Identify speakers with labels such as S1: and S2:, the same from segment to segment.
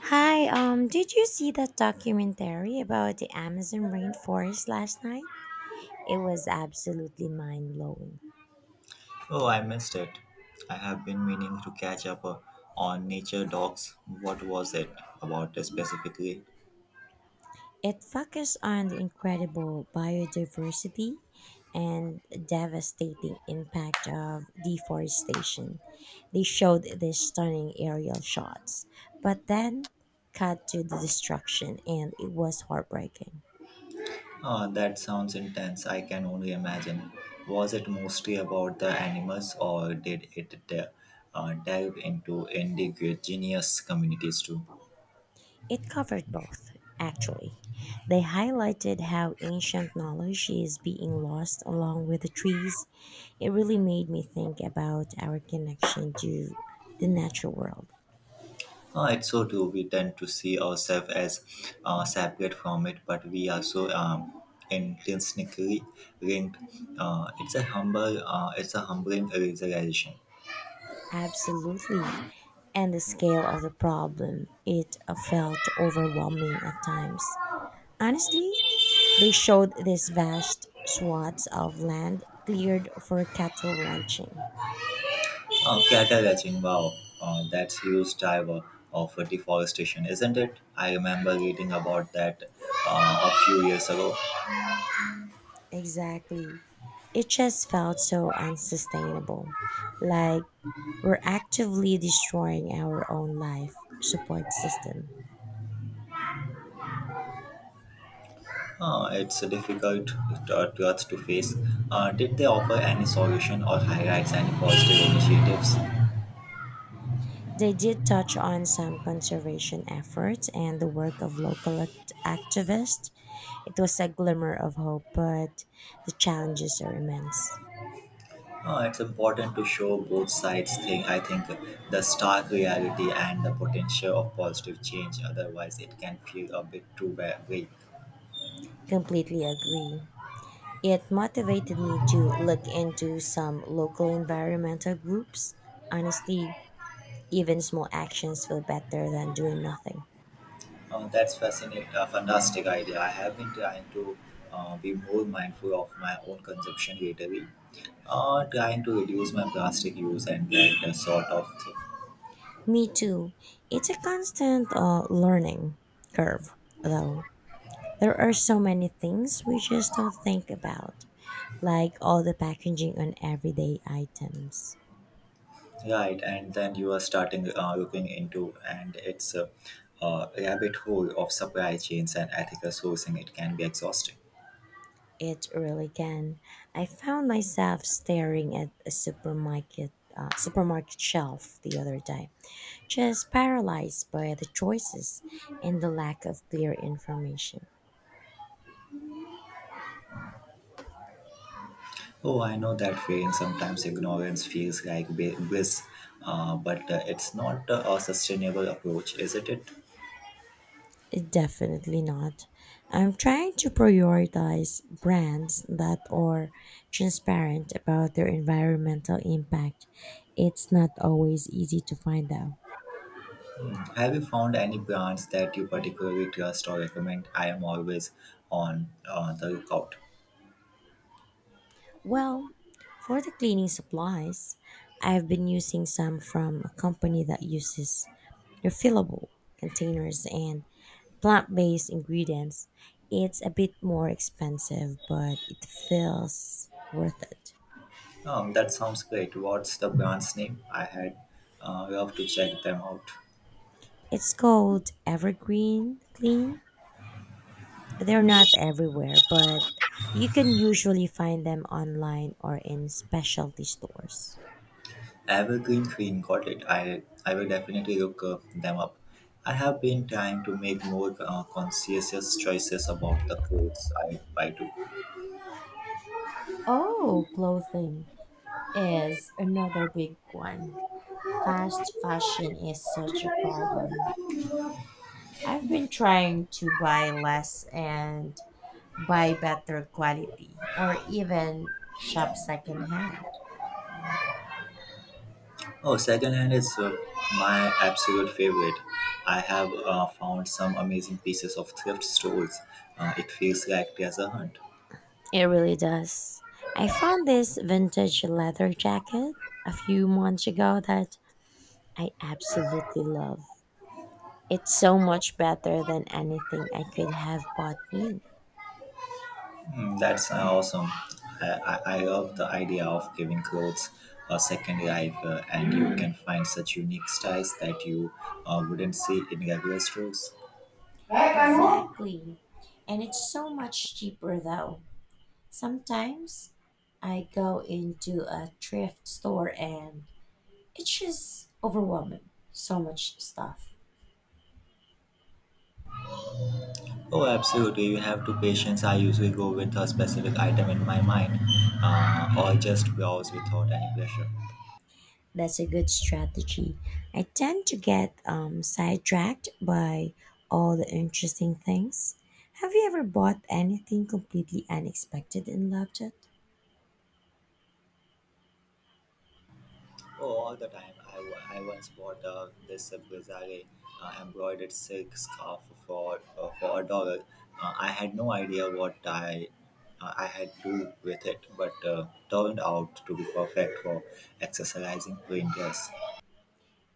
S1: Hi, did you see that documentary about the Amazon rainforest last night? It was absolutely mind blowing.
S2: Oh, I missed it. I have been meaning to catch up on Nature Docs. What was it about specifically?
S1: It focused on the incredible biodiversity and devastating impact of deforestation. They showed these stunning aerial shots, but then cut to the destruction, and it was heartbreaking.
S2: Oh, that sounds intense. I can only imagine. Was it mostly about the animals, or did it delve into indigenous communities too?
S1: It covered both, actually. They highlighted how ancient knowledge is being lost along with the trees. It really made me think about our connection to the natural world.
S2: Oh, it's so true. We tend to see ourselves as separate from it, but we are so intrinsically linked. It's a humbling realization.
S1: Absolutely. And the scale of the problem, it felt overwhelming at times. Honestly,
S2: Oh,
S1: they showed these vast swaths of land cleared for cattle ranching.
S2: cattle ranching, wow, that's huge driver of deforestation, isn't it? I remember reading about that a few years ago.
S1: Exactly. It just felt so unsustainable. Like we're actively destroying our own life support system.
S2: It's a difficult truth to face. Did they offer any solution or highlights any positive initiatives?
S1: They did touch on some conservation efforts and the work of activists. It was a glimmer of hope, but the challenges are immense.
S2: It's important to show both sides thing I think the stark reality and the potential of positive change otherwise it can feel a bit too vague.
S1: Completely agree. It motivated me to look into some local environmental groups. Honestly, even small actions feel better than doing nothing.
S2: Oh, that's fascinating, a fantastic idea. I have been trying to be more mindful of my own consumption lately, trying to reduce my plastic use and that sort of thing.
S1: Me too. It's a constant learning curve, though. There are so many things we just don't think about, like all the packaging on everyday items.
S2: Right, and then you are starting looking into, and it's a rabbit hole of supply chains and ethical sourcing. It can be exhausting.
S1: It really can. I found myself staring at a supermarket shelf the other day, just paralyzed by the choices and the lack of clear information.
S2: Oh, I know that feeling. Sometimes ignorance feels like bliss, but it's not a sustainable approach, isn't it?
S1: Definitely not. I'm trying to prioritize brands that are transparent about their environmental impact. It's not always easy to find out.
S2: Have you found any brands that you particularly trust or recommend? I am always on the lookout.
S1: Well, for the cleaning supplies, I've been using some from a company that uses refillable containers and plant based ingredients. It's a bit more expensive, but it feels worth it.
S2: That sounds great. What's the brand's name? I had love to check them out.
S1: It's called Evergreen Clean. They're not everywhere, but you can usually find them online or in specialty stores.
S2: Evergreen Green, got it. I will definitely look them up. I have been trying to make more conscientious choices about the clothes I buy too.
S1: Oh, clothing is another big one. Fast fashion is such a problem. I've been trying to buy less and buy better quality or even shop secondhand.
S2: Oh, secondhand is my absolute favorite. I have found some amazing pieces of thrift stores. It feels like there's a hunt.
S1: It really does. I found this vintage leather jacket a few months ago that I absolutely love. It's so much better than anything I could have bought new.
S2: Hmm, that's awesome. I love the idea of giving clothes a second life, and you can find such unique styles that you wouldn't see in regular stores. Hey, Kanu!
S1: Exactly. And it's so much cheaper though. Sometimes I go into a thrift store and it's just overwhelming. So much stuff.
S2: Oh, absolutely. You have to patience. I usually go with a specific item in my mind, or just browse without any pressure.
S1: That's a good strategy. I tend to get sidetracked by all the interesting things. Have you ever bought anything completely unexpected and loved it?
S2: Oh, all the time. I once bought this bizarre embroidered silk scarf for a dollar. I had no idea what I had to do with it, but turned out to be perfect for accessorizing plain dress.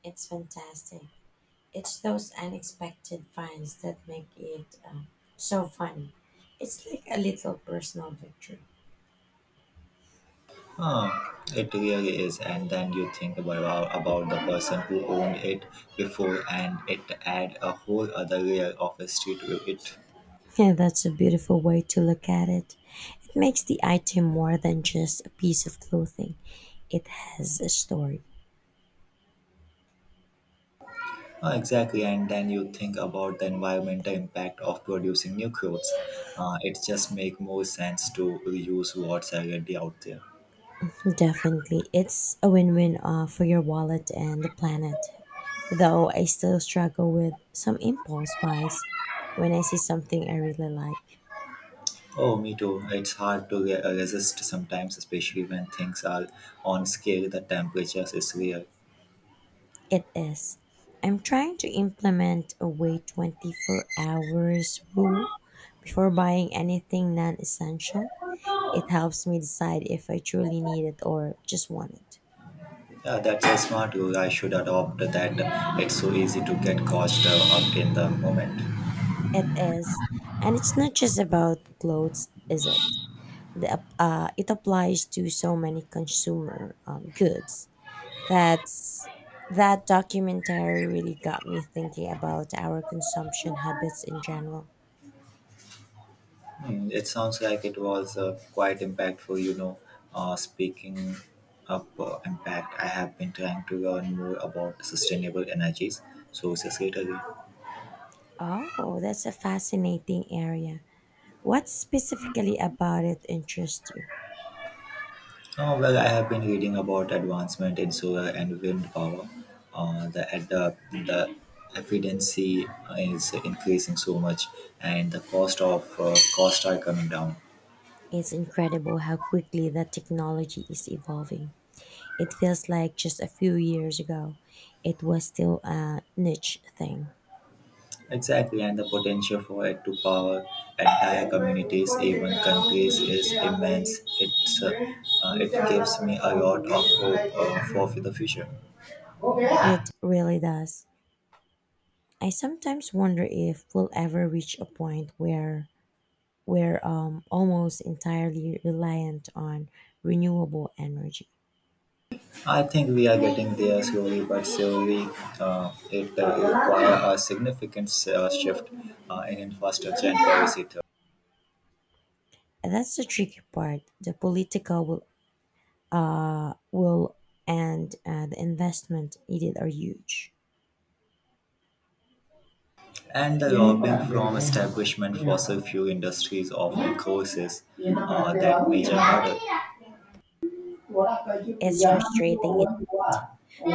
S1: It's fantastic. It's those unexpected finds that make it so funny. It's like a little personal victory.
S2: Huh, it really is, and then you think about the person who owned it before, and it add a whole other layer of history to it.
S1: Yeah, that's a beautiful way to look at it. It makes the item more than just a piece of clothing, it has a story.
S2: Exactly, and then you think about the environmental impact of producing new clothes. It just make more sense to reuse what's already out there.
S1: Definitely, it's a win win for your wallet and the planet. Though I still struggle with some impulse buys when I see something I really like.
S2: Oh, me too. It's hard to resist sometimes, especially when things are on scale. The temperatures is real.
S1: It is. I'm trying to implement a wait 24 hours rule before buying anything non essential. It helps me decide if I truly need it or just want it.
S2: Yeah, that's a smart goal. I should adopt that. It's so easy to get caught up in the moment.
S1: It is. And it's not just about clothes, is it? It applies to so many consumer goods. That's that documentary really got me thinking about our consumption habits in general.
S2: Hmm, it sounds like it was quite impactful, you know. Speaking of impact, I have been trying to learn more about sustainable energies, sources lately.
S1: Oh, that's a fascinating area. What specifically about it interests you?
S2: Oh, well, I have been reading about advancement in solar and wind power. The efficiency is increasing so much, and the cost of costs are coming down.
S1: It's incredible how quickly that technology is evolving. It feels like just a few years ago, it was still a niche thing.
S2: Exactly, and the potential for it to power entire communities, even countries, is immense. It gives me a lot of hope for the future.
S1: It really does. I sometimes wonder if we'll ever reach a point where we're almost entirely reliant on renewable energy.
S2: I think we are getting there slowly but surely. It requires a significant shift in infrastructure and policy too.
S1: That's the tricky part. The political will, and the investment needed are huge.
S2: And the lobbying from establishment fossil fuel industries often causes that major hurdle.
S1: It's frustrating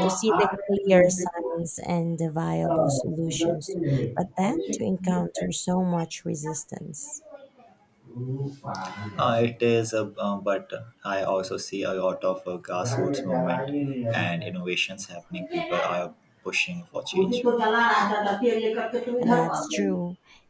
S1: to see the clear signs and the viable solutions, but then to encounter so much resistance.
S2: But I also see a lot of grassroots movement and innovations happening. People are pushing for change.
S1: That's true.